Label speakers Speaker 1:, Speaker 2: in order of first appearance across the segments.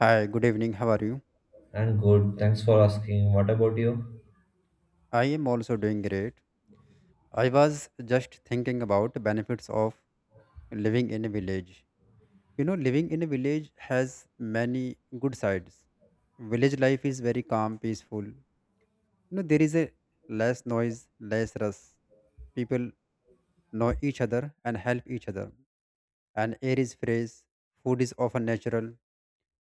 Speaker 1: Hi, good evening. How are you?
Speaker 2: And good, thanks for asking. What about you?
Speaker 1: I am also doing great. I was just thinking about the benefits of living in a village. Living in a village has many good sides. Village life is very calm, peaceful. There is a less noise, less rush. People know each other and help each other. And air is fresh, food is often natural.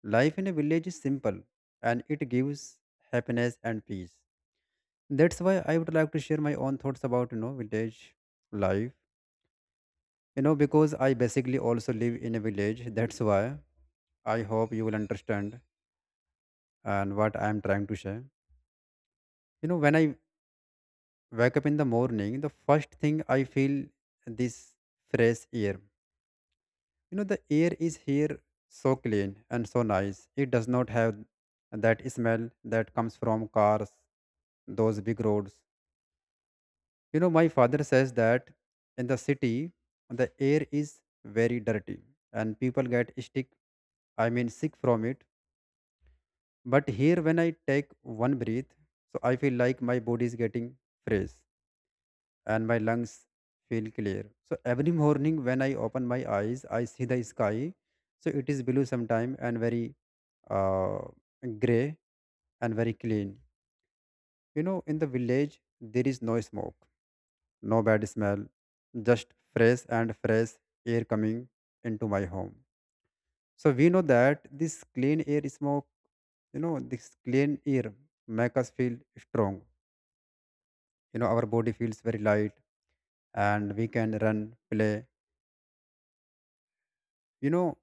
Speaker 1: Life in a village is simple and it gives happiness and peace. That's why I would like to share my own thoughts about village life, because I basically also live in a village. That's why I hope you will understand and what I am trying to share. When I wake up in the morning, the first thing I feel this fresh air. The air is here so clean and so nice. It does not have that smell that comes from cars, those big roads. You know, my father says that in the city, the air is very dirty and people get stick, I mean, sick from it. But here, when I take one breath, so I feel like my body is getting fresh and my lungs feel clear. So every morning, when I open my eyes, I see the sky. So it is blue sometime and very uh, gray and very clean. You know, in the village, there is no smoke, no bad smell, just fresh and fresh air coming into my home. So we know that this clean air smoke, this clean air make us feel strong. You know, our body feels very light and we can run, play, you know.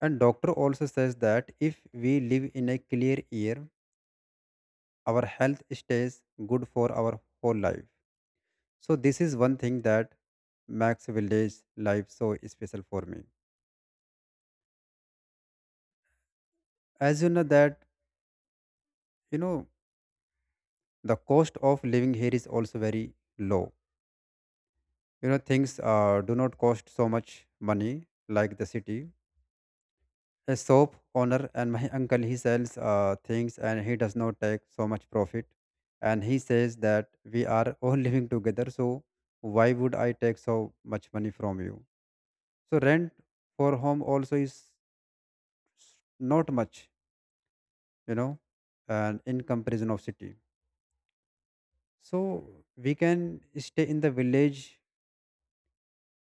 Speaker 1: And doctor also says that if we live in a clear air, our health stays good for our whole life. So this is one thing that makes village life so special for me. As you know that, you know, the cost of living here is also very low. Things do not cost so much money like the city. A soap owner and my uncle, he sells things and he does not take so much profit. And he says that we are all living together, so why would I take so much money from you? So rent for home also is not much, you know and in comparison of city, so we can stay in the village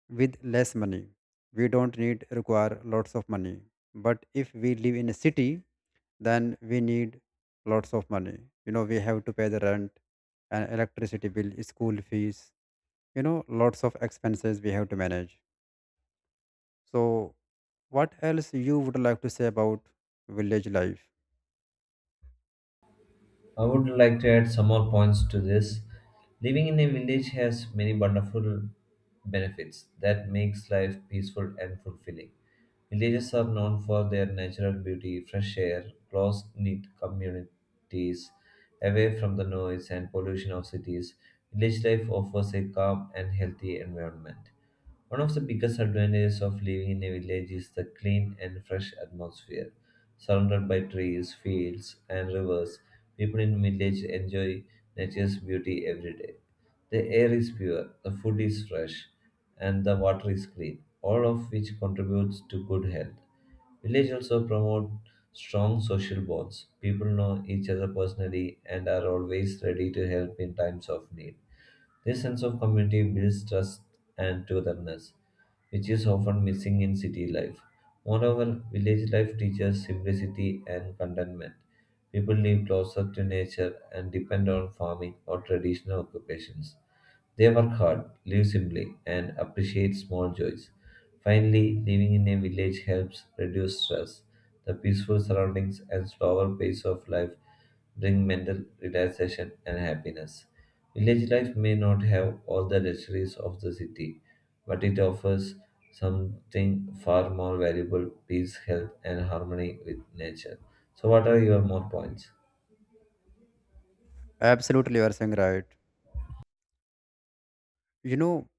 Speaker 1: with less money. We don't need require lots of money. But if we live in a city, then we need lots of money. You know, we have to pay the rent and electricity bill, school fees, lots of expenses we have to manage. So what else you would like to say about village life?
Speaker 2: I would like to add some more points to this. Living in a village has many wonderful benefits that makes life peaceful and fulfilling. Villages are known for their natural beauty, fresh air, close-knit communities, away from the noise and pollution of cities. Village life offers a calm and healthy environment. One of the biggest advantages of living in a village is the clean and fresh atmosphere. Surrounded by trees, fields, and rivers, people in village enjoy nature's beauty every day. The air is pure, the food is fresh, and the water is clean, all of which contributes to good health. Village also promote strong social bonds. People know each other personally and are always ready to help in times of need. This sense of community builds trust and togetherness, which is often missing in city life. Moreover, village life teaches simplicity and contentment. People live closer to nature and depend on farming or traditional occupations. They work hard, live simply, and appreciate small joys. Finally, living in a village helps reduce stress. The peaceful surroundings and slower pace of life bring mental relaxation and happiness. Village life may not have all the luxuries of the city, but it offers something far more valuable peace, health, and harmony with nature. So, what are your more points?
Speaker 1: Absolutely, you are saying right. You know,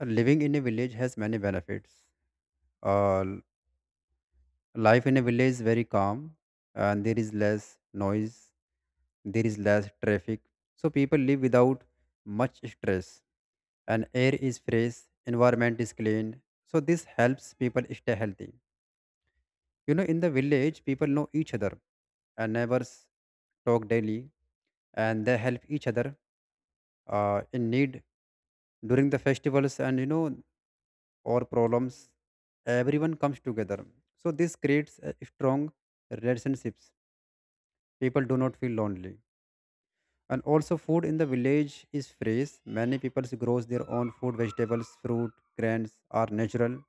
Speaker 1: living in a village has many benefits. Uh, Life in a village is very calm and there is less noise, there is less traffic, so people live without much stress. And air is fresh, environment is clean, so this helps people stay healthy. In the village, people know each other and neighbors talk daily and they help each other in need. During the festivals and or problems, everyone comes together. So this creates a strong relationships. People do not feel lonely. And also food in the village is fresh. Many people grows their own food, vegetables, fruit, grains are natural,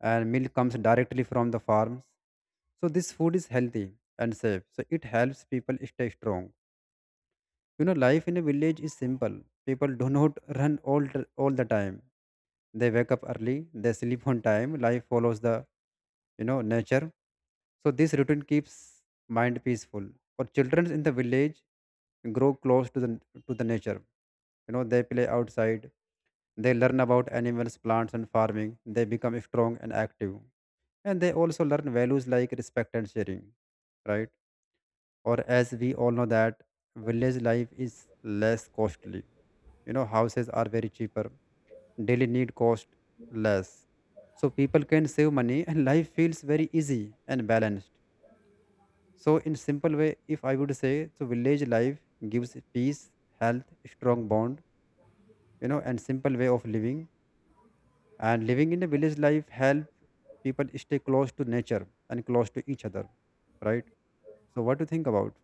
Speaker 1: and milk comes directly from the farms. So this food is healthy and safe. So it helps people stay strong. You know, life in a village is simple. People do not run all the time. They wake up early, they sleep on time, life follows the nature. So this routine keeps mind peaceful. For children in the village grow close to the nature. They play outside, they learn about animals, plants, and farming. They become strong and active, and they also learn values like respect and sharing, right? Or as we all know that village life is less costly. Houses are very cheaper, daily need cost less, so people can save money and life feels very easy and balanced. So in simple way, if I would say, so village life gives peace, health, strong bond, and simple way of living. And living in a village life help people stay close to nature and close to each other, right? So what do you think about?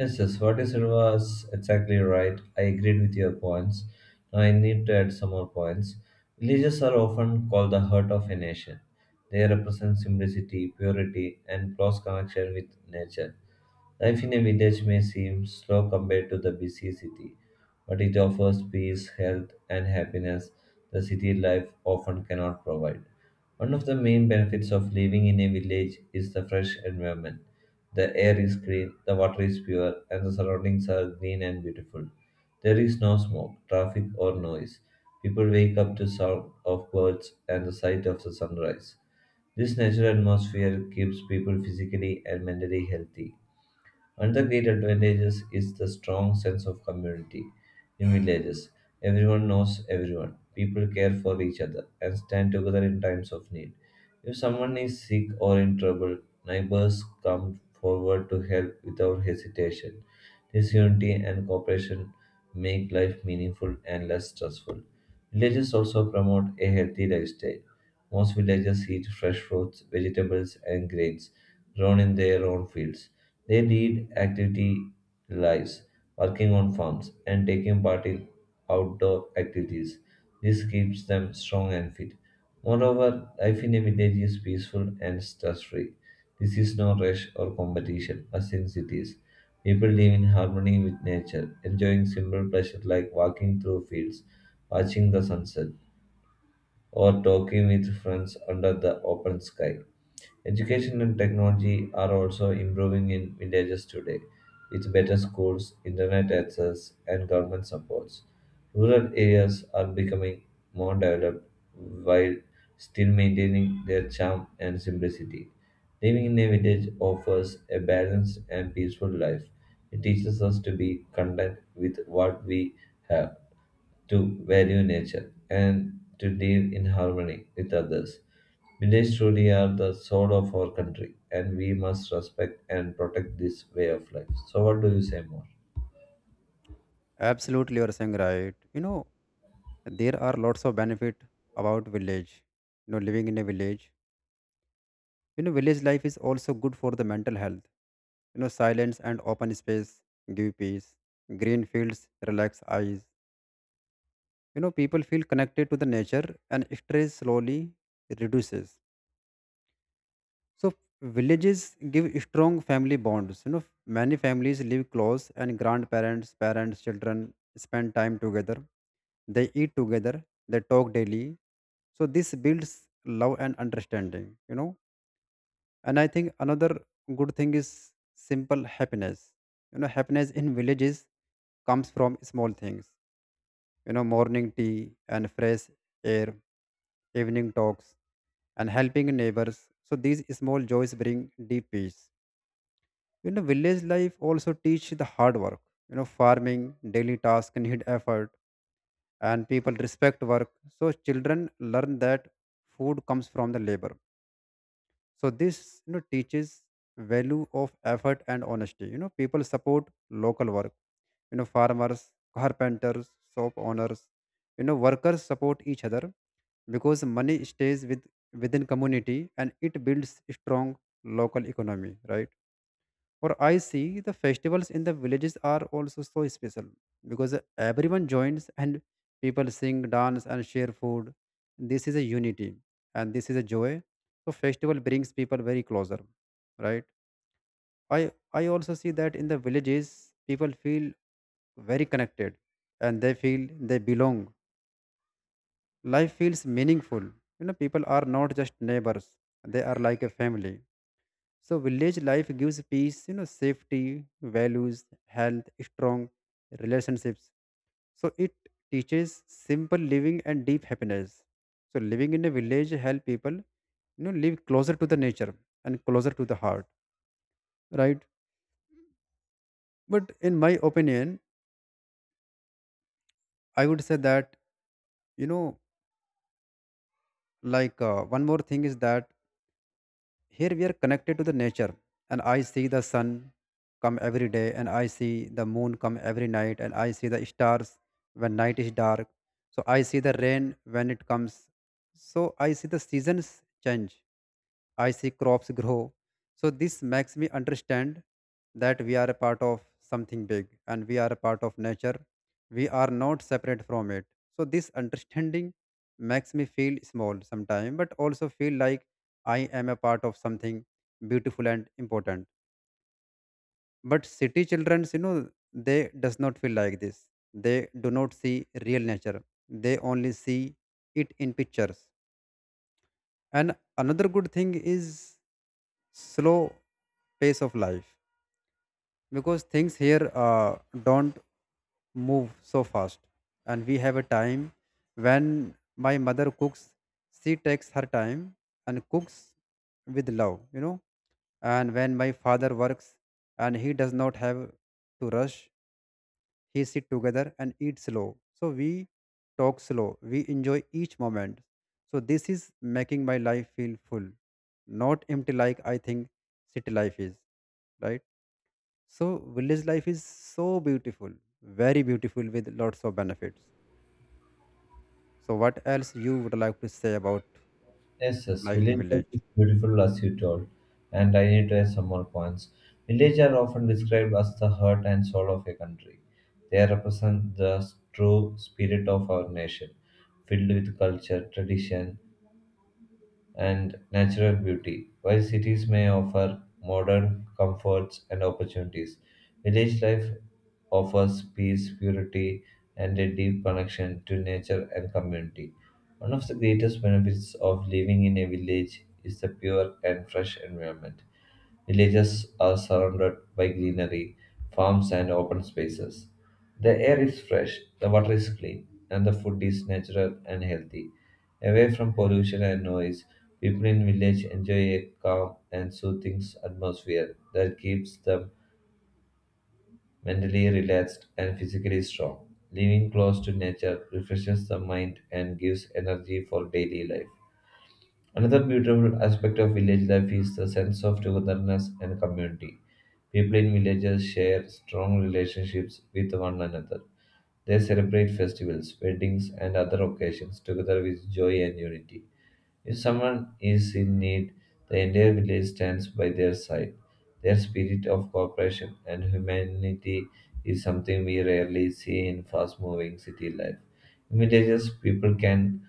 Speaker 2: Yes, yes, what you said was exactly right. I agreed with your points. Now, I need to add some more points. Villages are often called the heart of a nation. They represent simplicity, purity, and close connection with nature. Life in a village may seem slow compared to the busy city, but it offers peace, health, and happiness the city life often cannot provide. One of the main benefits of living in a village is the fresh environment. The air is clean, the water is pure, and the surroundings are green and beautiful. There is no smoke, traffic, or noise. People wake up to sound of birds and the sight of the sunrise. This natural atmosphere keeps people physically and mentally healthy. Another great advantages is the strong sense of community in villages. Everyone knows everyone. People care for each other and stand together in times of need. If someone is sick or in trouble, neighbors come forward to help without hesitation. This unity and cooperation make life meaningful and less stressful. Villages also promote a healthy lifestyle. Most villagers eat fresh fruits, vegetables, and grains grown in their own fields. They lead activity lives, working on farms and taking part in outdoor activities. This keeps them strong and fit. Moreover, life in a village is peaceful and stress-free. This is no rush or competition as in cities. People live in harmony with nature, enjoying simple pleasures like walking through fields, watching the sunset or talking with friends under the open sky. Education and technology are also improving in villages today with better schools, internet access, and government supports. Rural areas are becoming more developed while still maintaining their charm and simplicity. Living in a village offers a balanced and peaceful life. It teaches us to be content with what we have to value nature and to live in harmony with others. Village truly are the soul of our country, and we must respect and protect this way of life. So, what do you say more?
Speaker 1: Absolutely, you're saying right. There are lots of benefit about village, living in a village. Village life is also good for the mental health. You know, silence and open space give peace. Green fields relax eyes. You know, people feel connected to the nature and stress slowly reduces. So villages give strong family bonds. You know, many families live close and grandparents, parents, children spend time together. They eat together. They talk daily. So this builds love and understanding. And I think another good thing is simple happiness. You know, happiness in villages comes from small things. You know, morning tea and fresh air, evening talks, and helping neighbors. So these small joys bring deep peace. You know, village life also teach the hard work. You know, farming, daily tasks need effort, and people respect work. So children learn that food comes from the labor. So this teaches value of effort and honesty. People support local work, farmers, carpenters, shop owners, workers support each other because money stays with within community and it builds strong local economy, right? Or I see the festivals in the villages are also so special because everyone joins and people sing, dance, and share food. This is a unity and this is a joy. So festival brings people very closer, right? I also see that in the villages people feel very connected and they feel they belong. Life feels meaningful. You know, people are not just neighbors; they are like a family. So village life gives peace, safety, values, health, strong relationships. So it teaches simple living and deep happiness. So living in a village help people, live closer to the nature and closer to the heart, right? But in my opinion, I would say that you know, one more thing is that here we are connected to the nature, and I see the sun come every day, and I see the moon come every night, and I see the stars when night is dark. So I see the rain when it comes. So I see the seasons change. I see crops grow. So this makes me understand that we are a part of something big and we are a part of nature. We are not separate from it. So this understanding makes me feel small sometimes, but also feel like I am a part of something beautiful and important. But city children, they does not feel like this. They do not see real nature. They only see it in pictures. And another good thing is slow pace of life because things here don't move so fast. And we have a time when my mother cooks, she takes her time and cooks with love. And when my father works and he does not have to rush, he sit together and eat slow. So we talk slow. We enjoy each moment. So this is making my life feel full, not empty like I think city life is, right? So village life is so beautiful, very beautiful with lots of benefits. So what else you would like to say about
Speaker 2: Yes, yes,
Speaker 1: life in
Speaker 2: village life is
Speaker 1: village?
Speaker 2: beautiful as you told, and I need to add some more points. Villages are often described as the heart and soul of a country. They represent the true spirit of our nation, filled with culture, tradition, and natural beauty. While cities may offer modern comforts and opportunities, village life offers peace, purity, and a deep connection to nature and community. One of the greatest benefits of living in a village is the pure and fresh environment. Villages are surrounded by greenery, farms, and open spaces. The air is fresh, the water is clean, and the food is natural and healthy. Away from pollution and noise, people in village enjoy a calm and soothing atmosphere that keeps them mentally relaxed and physically strong. Living close to nature refreshes the mind and gives energy for daily life. Another beautiful aspect of village life is the sense of togetherness and community. People in villages share strong relationships with one another. They celebrate festivals, weddings, and other occasions together with joy and unity. If someone is in need, the entire village stands by their side. Their spirit of cooperation and humanity is something we rarely see in fast moving city life. In villages, people can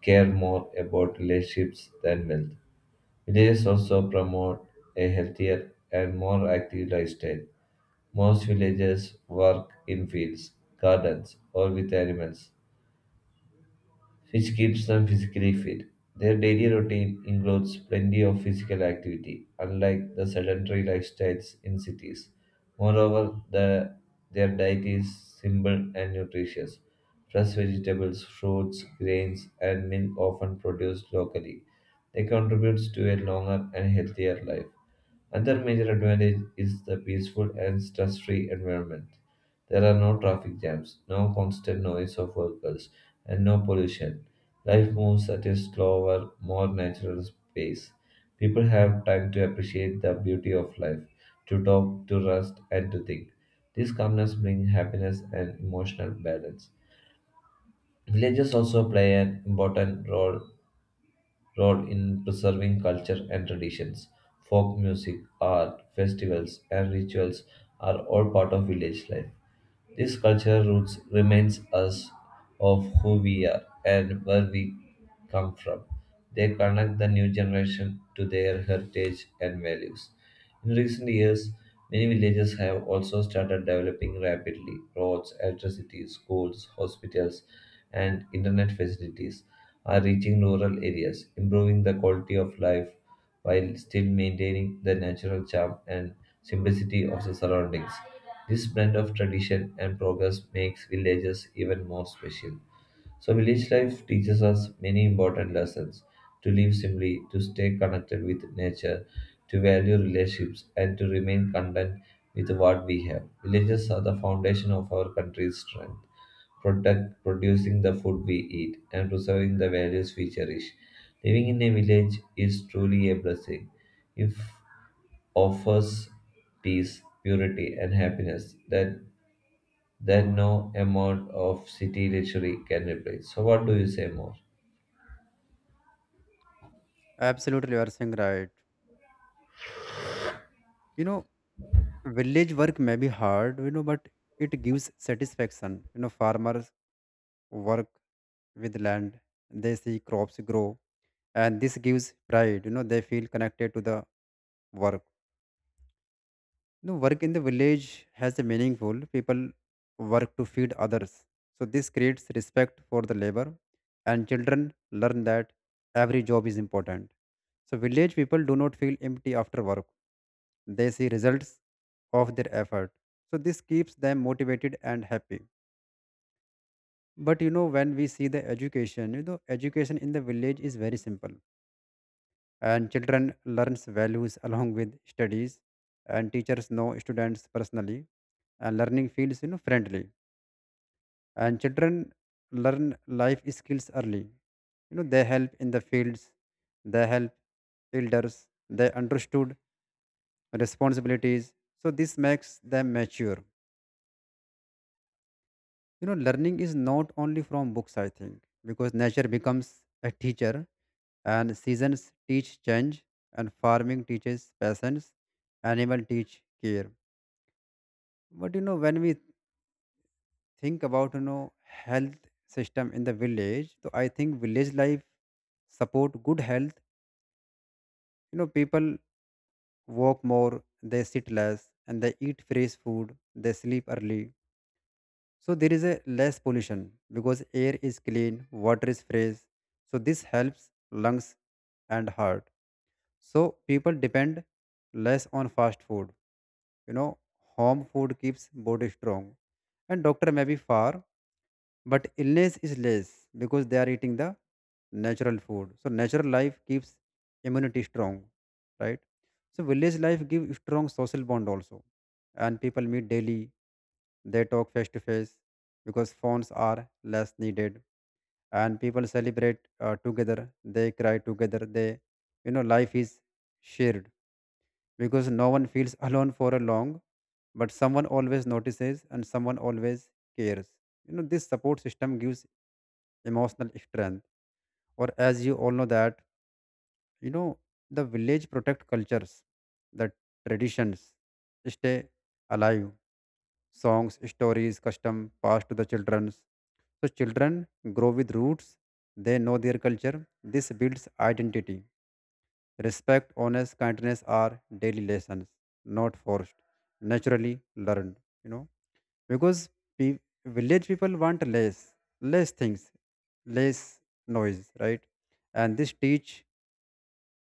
Speaker 2: care more about relationships than wealth. Villages also promote a healthier and more active lifestyle. Most villagers work in fields, gardens, or with animals, which keeps them physically fit. Their daily routine includes plenty of physical activity, unlike the sedentary lifestyles in cities. Moreover, their diet is simple and nutritious. Fresh vegetables, fruits, grains, and milk often produced locally. They contribute to a longer and healthier life. Another major advantage is the peaceful and stress free environment. There are no traffic jams, no constant noise of vehicles, and no pollution. Life moves at a slower, more natural pace. People have time to appreciate the beauty of life, to talk, to rest, and to think. This calmness brings happiness and emotional balance. Villages also play an important role in preserving culture and traditions. Folk music, art, festivals, and rituals are all part of village life. These cultural roots reminds us of who we are and where we come from. They connect the new generation to their heritage and values. In recent years, many villages have also started developing rapidly roads, electricity, schools, hospitals, and internet facilities are reaching rural areas, improving the quality of life while still maintaining the natural charm and simplicity of the surroundings. This blend of tradition and progress makes villages even more special. So, village life teaches us many important lessons to live simply, to stay connected with nature, to value relationships, and to remain content with what we have. Villages are the foundation of our country's strength, protect, producing the food we eat, and preserving the values we cherish. Living in a village is truly a blessing. If offers peace, purity, and happiness that no amount of city luxury can replace. So, what do you say more?
Speaker 1: Absolutely, you are saying right. You know, village work may be hard, but it gives satisfaction. Farmers work with land, they see crops grow, and this gives pride. They feel connected to the work. Work in the village has a meaningful people work to feed others, so this creates respect for the labor. And children learn that every job is important, so village people do not feel empty after work. They see results of their effort, so this keeps them motivated and happy. But when we see the education, education in the village is very simple, and children learns values along with studies, and teachers know students personally, and learning feels friendly. And children learn life skills early. They help in the fields, they help elders, they understood responsibilities, so this makes them mature. Learning is not only from books, I think, because nature becomes a teacher, and seasons teach change, and farming teaches patience, animal teach care. But when we think about health system in the village, so I think village life support good health. People walk more, they sit less, and they eat fresh food, they sleep early. So there is a less pollution because air is clean, water is fresh, so this helps lungs and heart. So people depend less on fast food. you know Home food keeps body strong, and doctor may be far, but illness is less because they are eating the natural food. So natural life keeps immunity strong, right? So village life give strong social bond also, and people meet daily, they talk face to face because phones are less needed. And people celebrate together, they cry together, they you know life is shared because no one feels alone for a long, but someone always notices and someone always cares. This support system gives emotional strength. Or as you all know that, you know the village protect cultures, the traditions stay alive. Songs, stories, custom passed to the children's, so children grow with roots, they know their culture, this builds identity. Respect, honest, kindness are daily lessons, not forced, naturally learned. You know, because pe- village people want less, less things, less noise, right? And this teach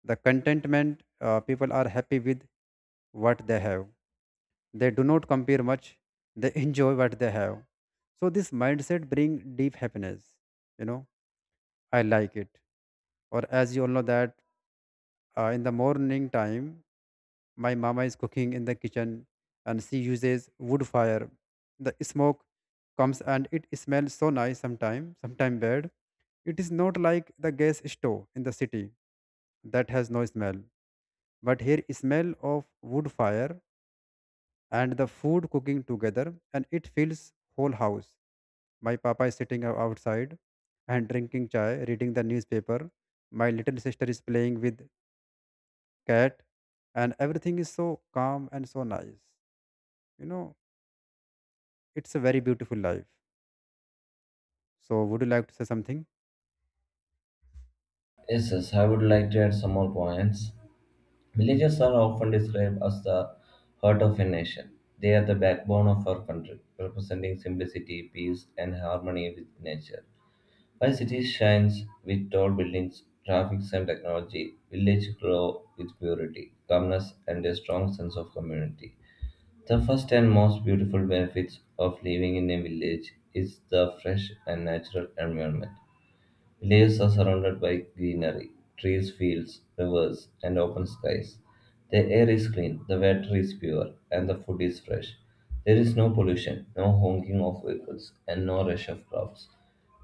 Speaker 1: the contentment. People are happy with what they have. They do not compare much. They enjoy what they have. So this mindset bring deep happiness. You know, I like it. Or as you all know that, in the morning time, my mama is cooking in the kitchen, and she uses wood fire. The smoke comes and it smells so nice sometimes, sometimes bad. It is not like the gas stove in the city that has no smell. But here smell of wood fire and the food cooking together, and it fills whole house. My papa is sitting outside and drinking chai, reading the newspaper. My little sister is playing with cat, and everything is so calm and so nice. You know, it's a very beautiful life. So, would you like to say something?
Speaker 2: Yes, yes, I would like to add some more points. Villages are often described as the heart of a nation. They are the backbone of our country, representing simplicity, peace, and harmony with nature. While cities shine with tall buildings, traffic, and technology, villages glow with purity, calmness, and a strong sense of community. The first and most beautiful benefits of living in a village is the fresh and natural environment. Villages are surrounded by greenery, trees, fields, rivers, and open skies. The air is clean, the water is pure, and the food is fresh. There is no pollution, no honking of vehicles, and no rush of crowds.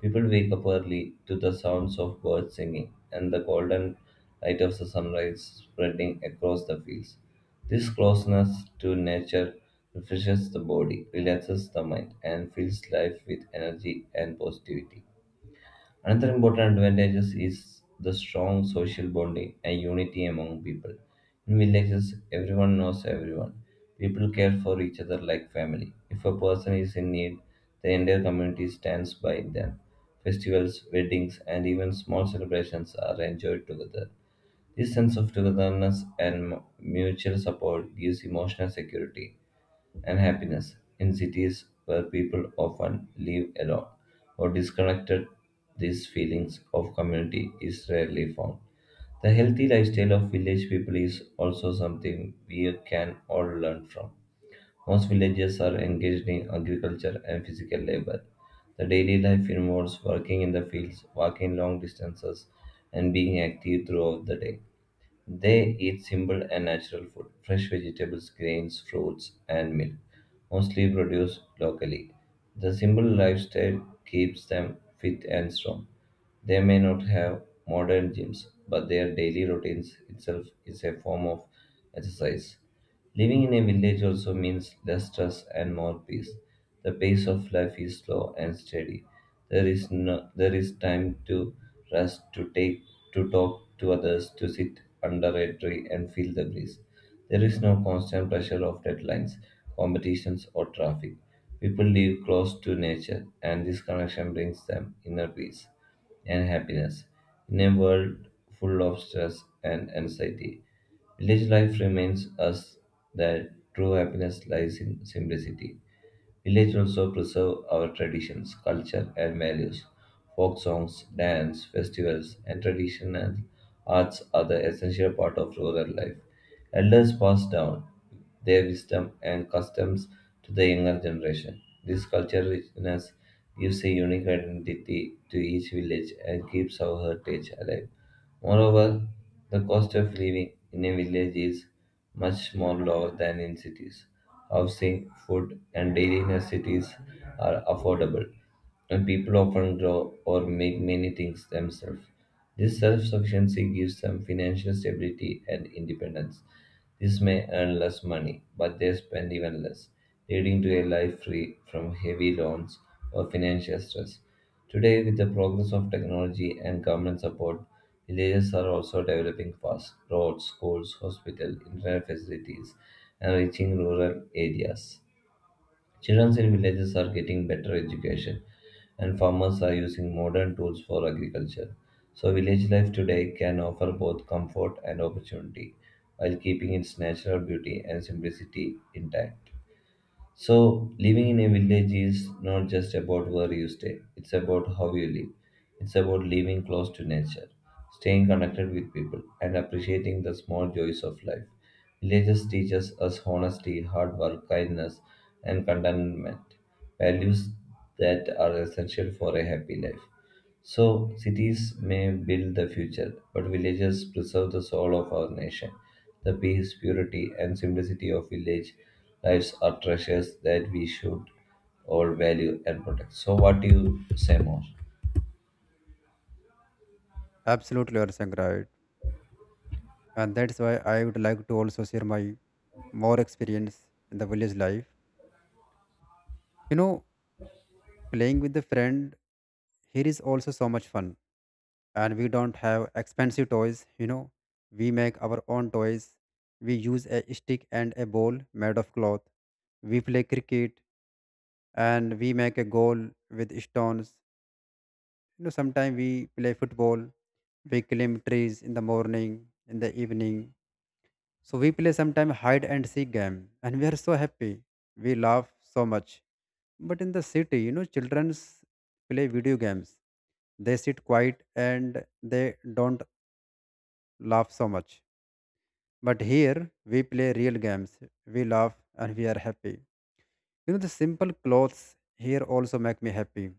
Speaker 2: People wake up early to the sounds of birds singing and the golden light of the sunrise spreading across the fields. This closeness to nature refreshes the body, relaxes the mind, and fills life with energy and positivity. Another important advantage is the strong social bonding and unity among people. In villages, everyone knows everyone. People care for each other like family. If a person is in need, the entire community stands by them. Festivals, weddings, and even small celebrations are enjoyed together. This sense of togetherness and mutual support gives emotional security and happiness in cities where people often live alone or disconnected these feelings of community is rarely found the healthy lifestyle of village people is also something we can all learn from most villages are engaged in agriculture and physical labor the daily life involves working in the fields walking long distances and being active throughout the day they eat simple and natural food, fresh vegetables, grains, fruits, and milk, mostly produced locally. The simple lifestyle keeps them fit and strong. They may not have modern gyms, but their daily routines itself is a form of exercise. Living in a village also means less stress and more peace. The pace of life is slow and steady. There is no, there is time to rest, to take, to talk to others, to sit under a tree and feel the breeze. There is no constant pressure of deadlines, competitions, or traffic. People live close to nature, and this connection brings them inner peace and happiness. In a world full of stress and anxiety, village life reminds us that true happiness lies in simplicity. Village also preserve our traditions, culture, and values. Folk songs, dance, festivals, and traditional arts are the essential part of rural life. Elders pass down their wisdom and customs to the younger generation. This cultural richness gives a unique identity to each village and keeps our heritage alive. Moreover, the cost of living in a village is much more lower than in cities. Housing, food, and daily necessities are affordable, and people often grow or make many things themselves. This self sufficiency gives them financial stability and independence. This may earn less money, but they spend even less, leading to a life free from heavy loans or financial stress. Today, with the progress of technology and government support, villages are also developing fast roads, schools, hospitals, internet facilities, and reaching rural areas. Children in villages are getting better education, and farmers are using modern tools for agriculture. So, village life today can offer both comfort and opportunity while keeping its natural beauty and simplicity intact. So, living in a village is not just about where you stay, it's about how you live. It's about living close to nature, staying connected with people, and appreciating the small joys of life. Villages teach us honesty, hard work, kindness, and contentment, values that are essential for a happy life. So, cities may build the future, but villages preserve the soul of our nation. The peace, purity, and simplicity of village lives are treasures that we should all value and protect. So, what do you say more?
Speaker 1: Absolutely, you are saying right. And that's why I would like to also share my more experience in the village life. You know, playing with the friend here is also so much fun. And we don't have expensive toys, you know. We make our own toys. We use a stick and a ball made of cloth. We play cricket and we make a goal with stones. You know, sometimes we play football, we climb trees in the morning, in the evening. So we play sometimes hide and seek game, and we are so happy. We laugh so much. But in the city, you know, children play video games. They sit quiet and they don't laugh so much. But here we play real games. We laugh and we are happy. You know, the simple clothes here also make me happy.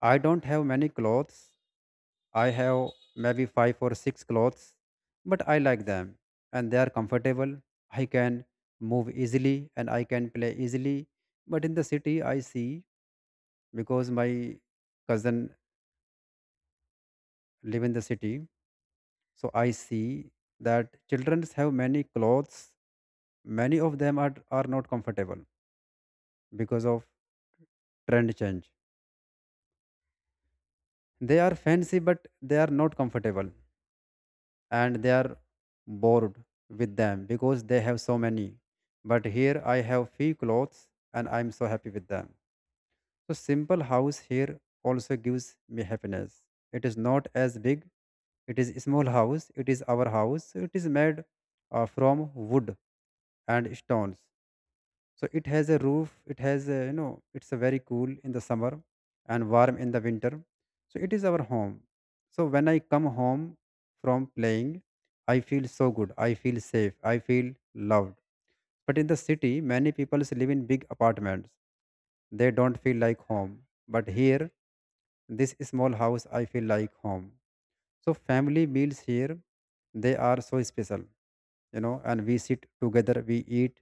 Speaker 1: I don't have many clothes, I have maybe five or six clothes, but I like them and they are comfortable. I can move easily and I can play easily. But in the city, I see, because my cousin live in the city, so I see that children have many clothes. Many of them are not comfortable because of trend change. They are fancy, but they are not comfortable, and they are bored with them because they have so many. But here I have few clothes and I'm so happy with them. So simple house here also gives me happiness. It is not as big. It is a small house. It is our house. It is made from wood and stones. So it has a roof. It has a, you know, it's a very cool in the summer and warm in the winter. So it is our home. So when I come home from playing, I feel so good. I feel safe. I feel loved. But in the city, many people live in big apartments. They don't feel like home. But here, this small house, I feel like home. So family meals here, they are so special, you know, and we sit together, we eat,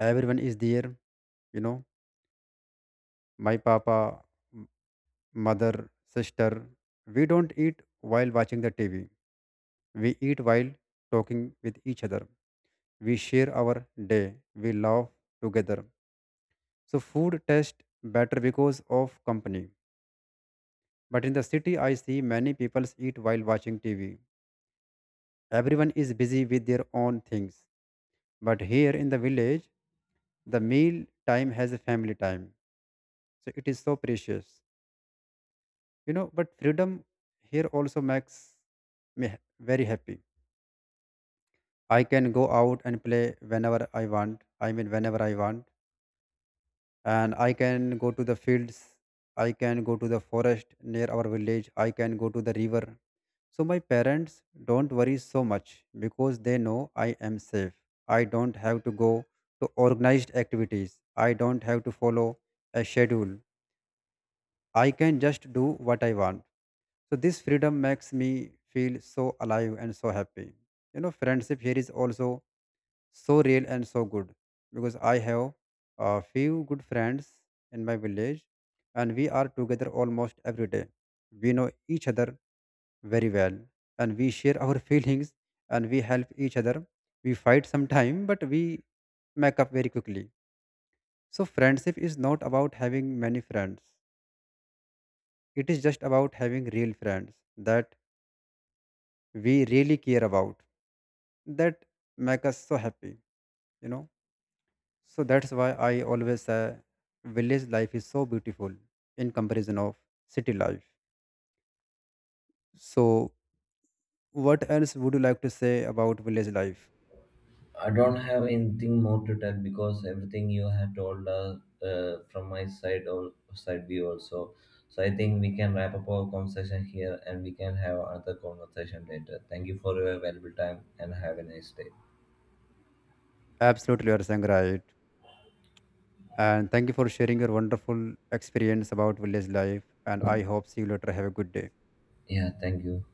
Speaker 1: everyone is there, you know. My papa, m- mother, sister, we don't eat while watching the TV. We eat while talking with each other. We share our day. We laugh together. So food tastes better because of company. But in the city, I see many people eat while watching TV. Everyone is busy with their own things. But here in the village, the meal time has a family time. So it is so precious. But freedom here also makes me ha- very happy. I can go out and play whenever I want, I mean whenever I want. And I can go to the fields, I can go to the forest near our village, I can go to the river. So my parents don't worry so much because they know I am safe. I don't have to go to organized activities, I don't have to follow a schedule. I can just do what I want. So this freedom makes me feel so alive and so happy. You know, friendship here is also so real and so good because I have a few good friends in my village, and we are together almost every day. We know each other very well, and we share our feelings, and we help each other. We fight sometime, but we make up very quickly. So friendship is not about having many friends. It is just about having real friends that we really care about, that make us so happy, you know. So that's why I always say village life is so beautiful in comparison of city life. So what else would you like to say about village life?
Speaker 2: I don't have anything more to tell because everything you have told us from my side or side view also. So I think we can wrap up our conversation here and we can have another conversation later. Thank you for your valuable time and have a nice day.
Speaker 1: Absolutely, you are saying right. And thank you for sharing your wonderful experience about village life. And I hope see you later. Have a good day.
Speaker 2: Yeah, thank you.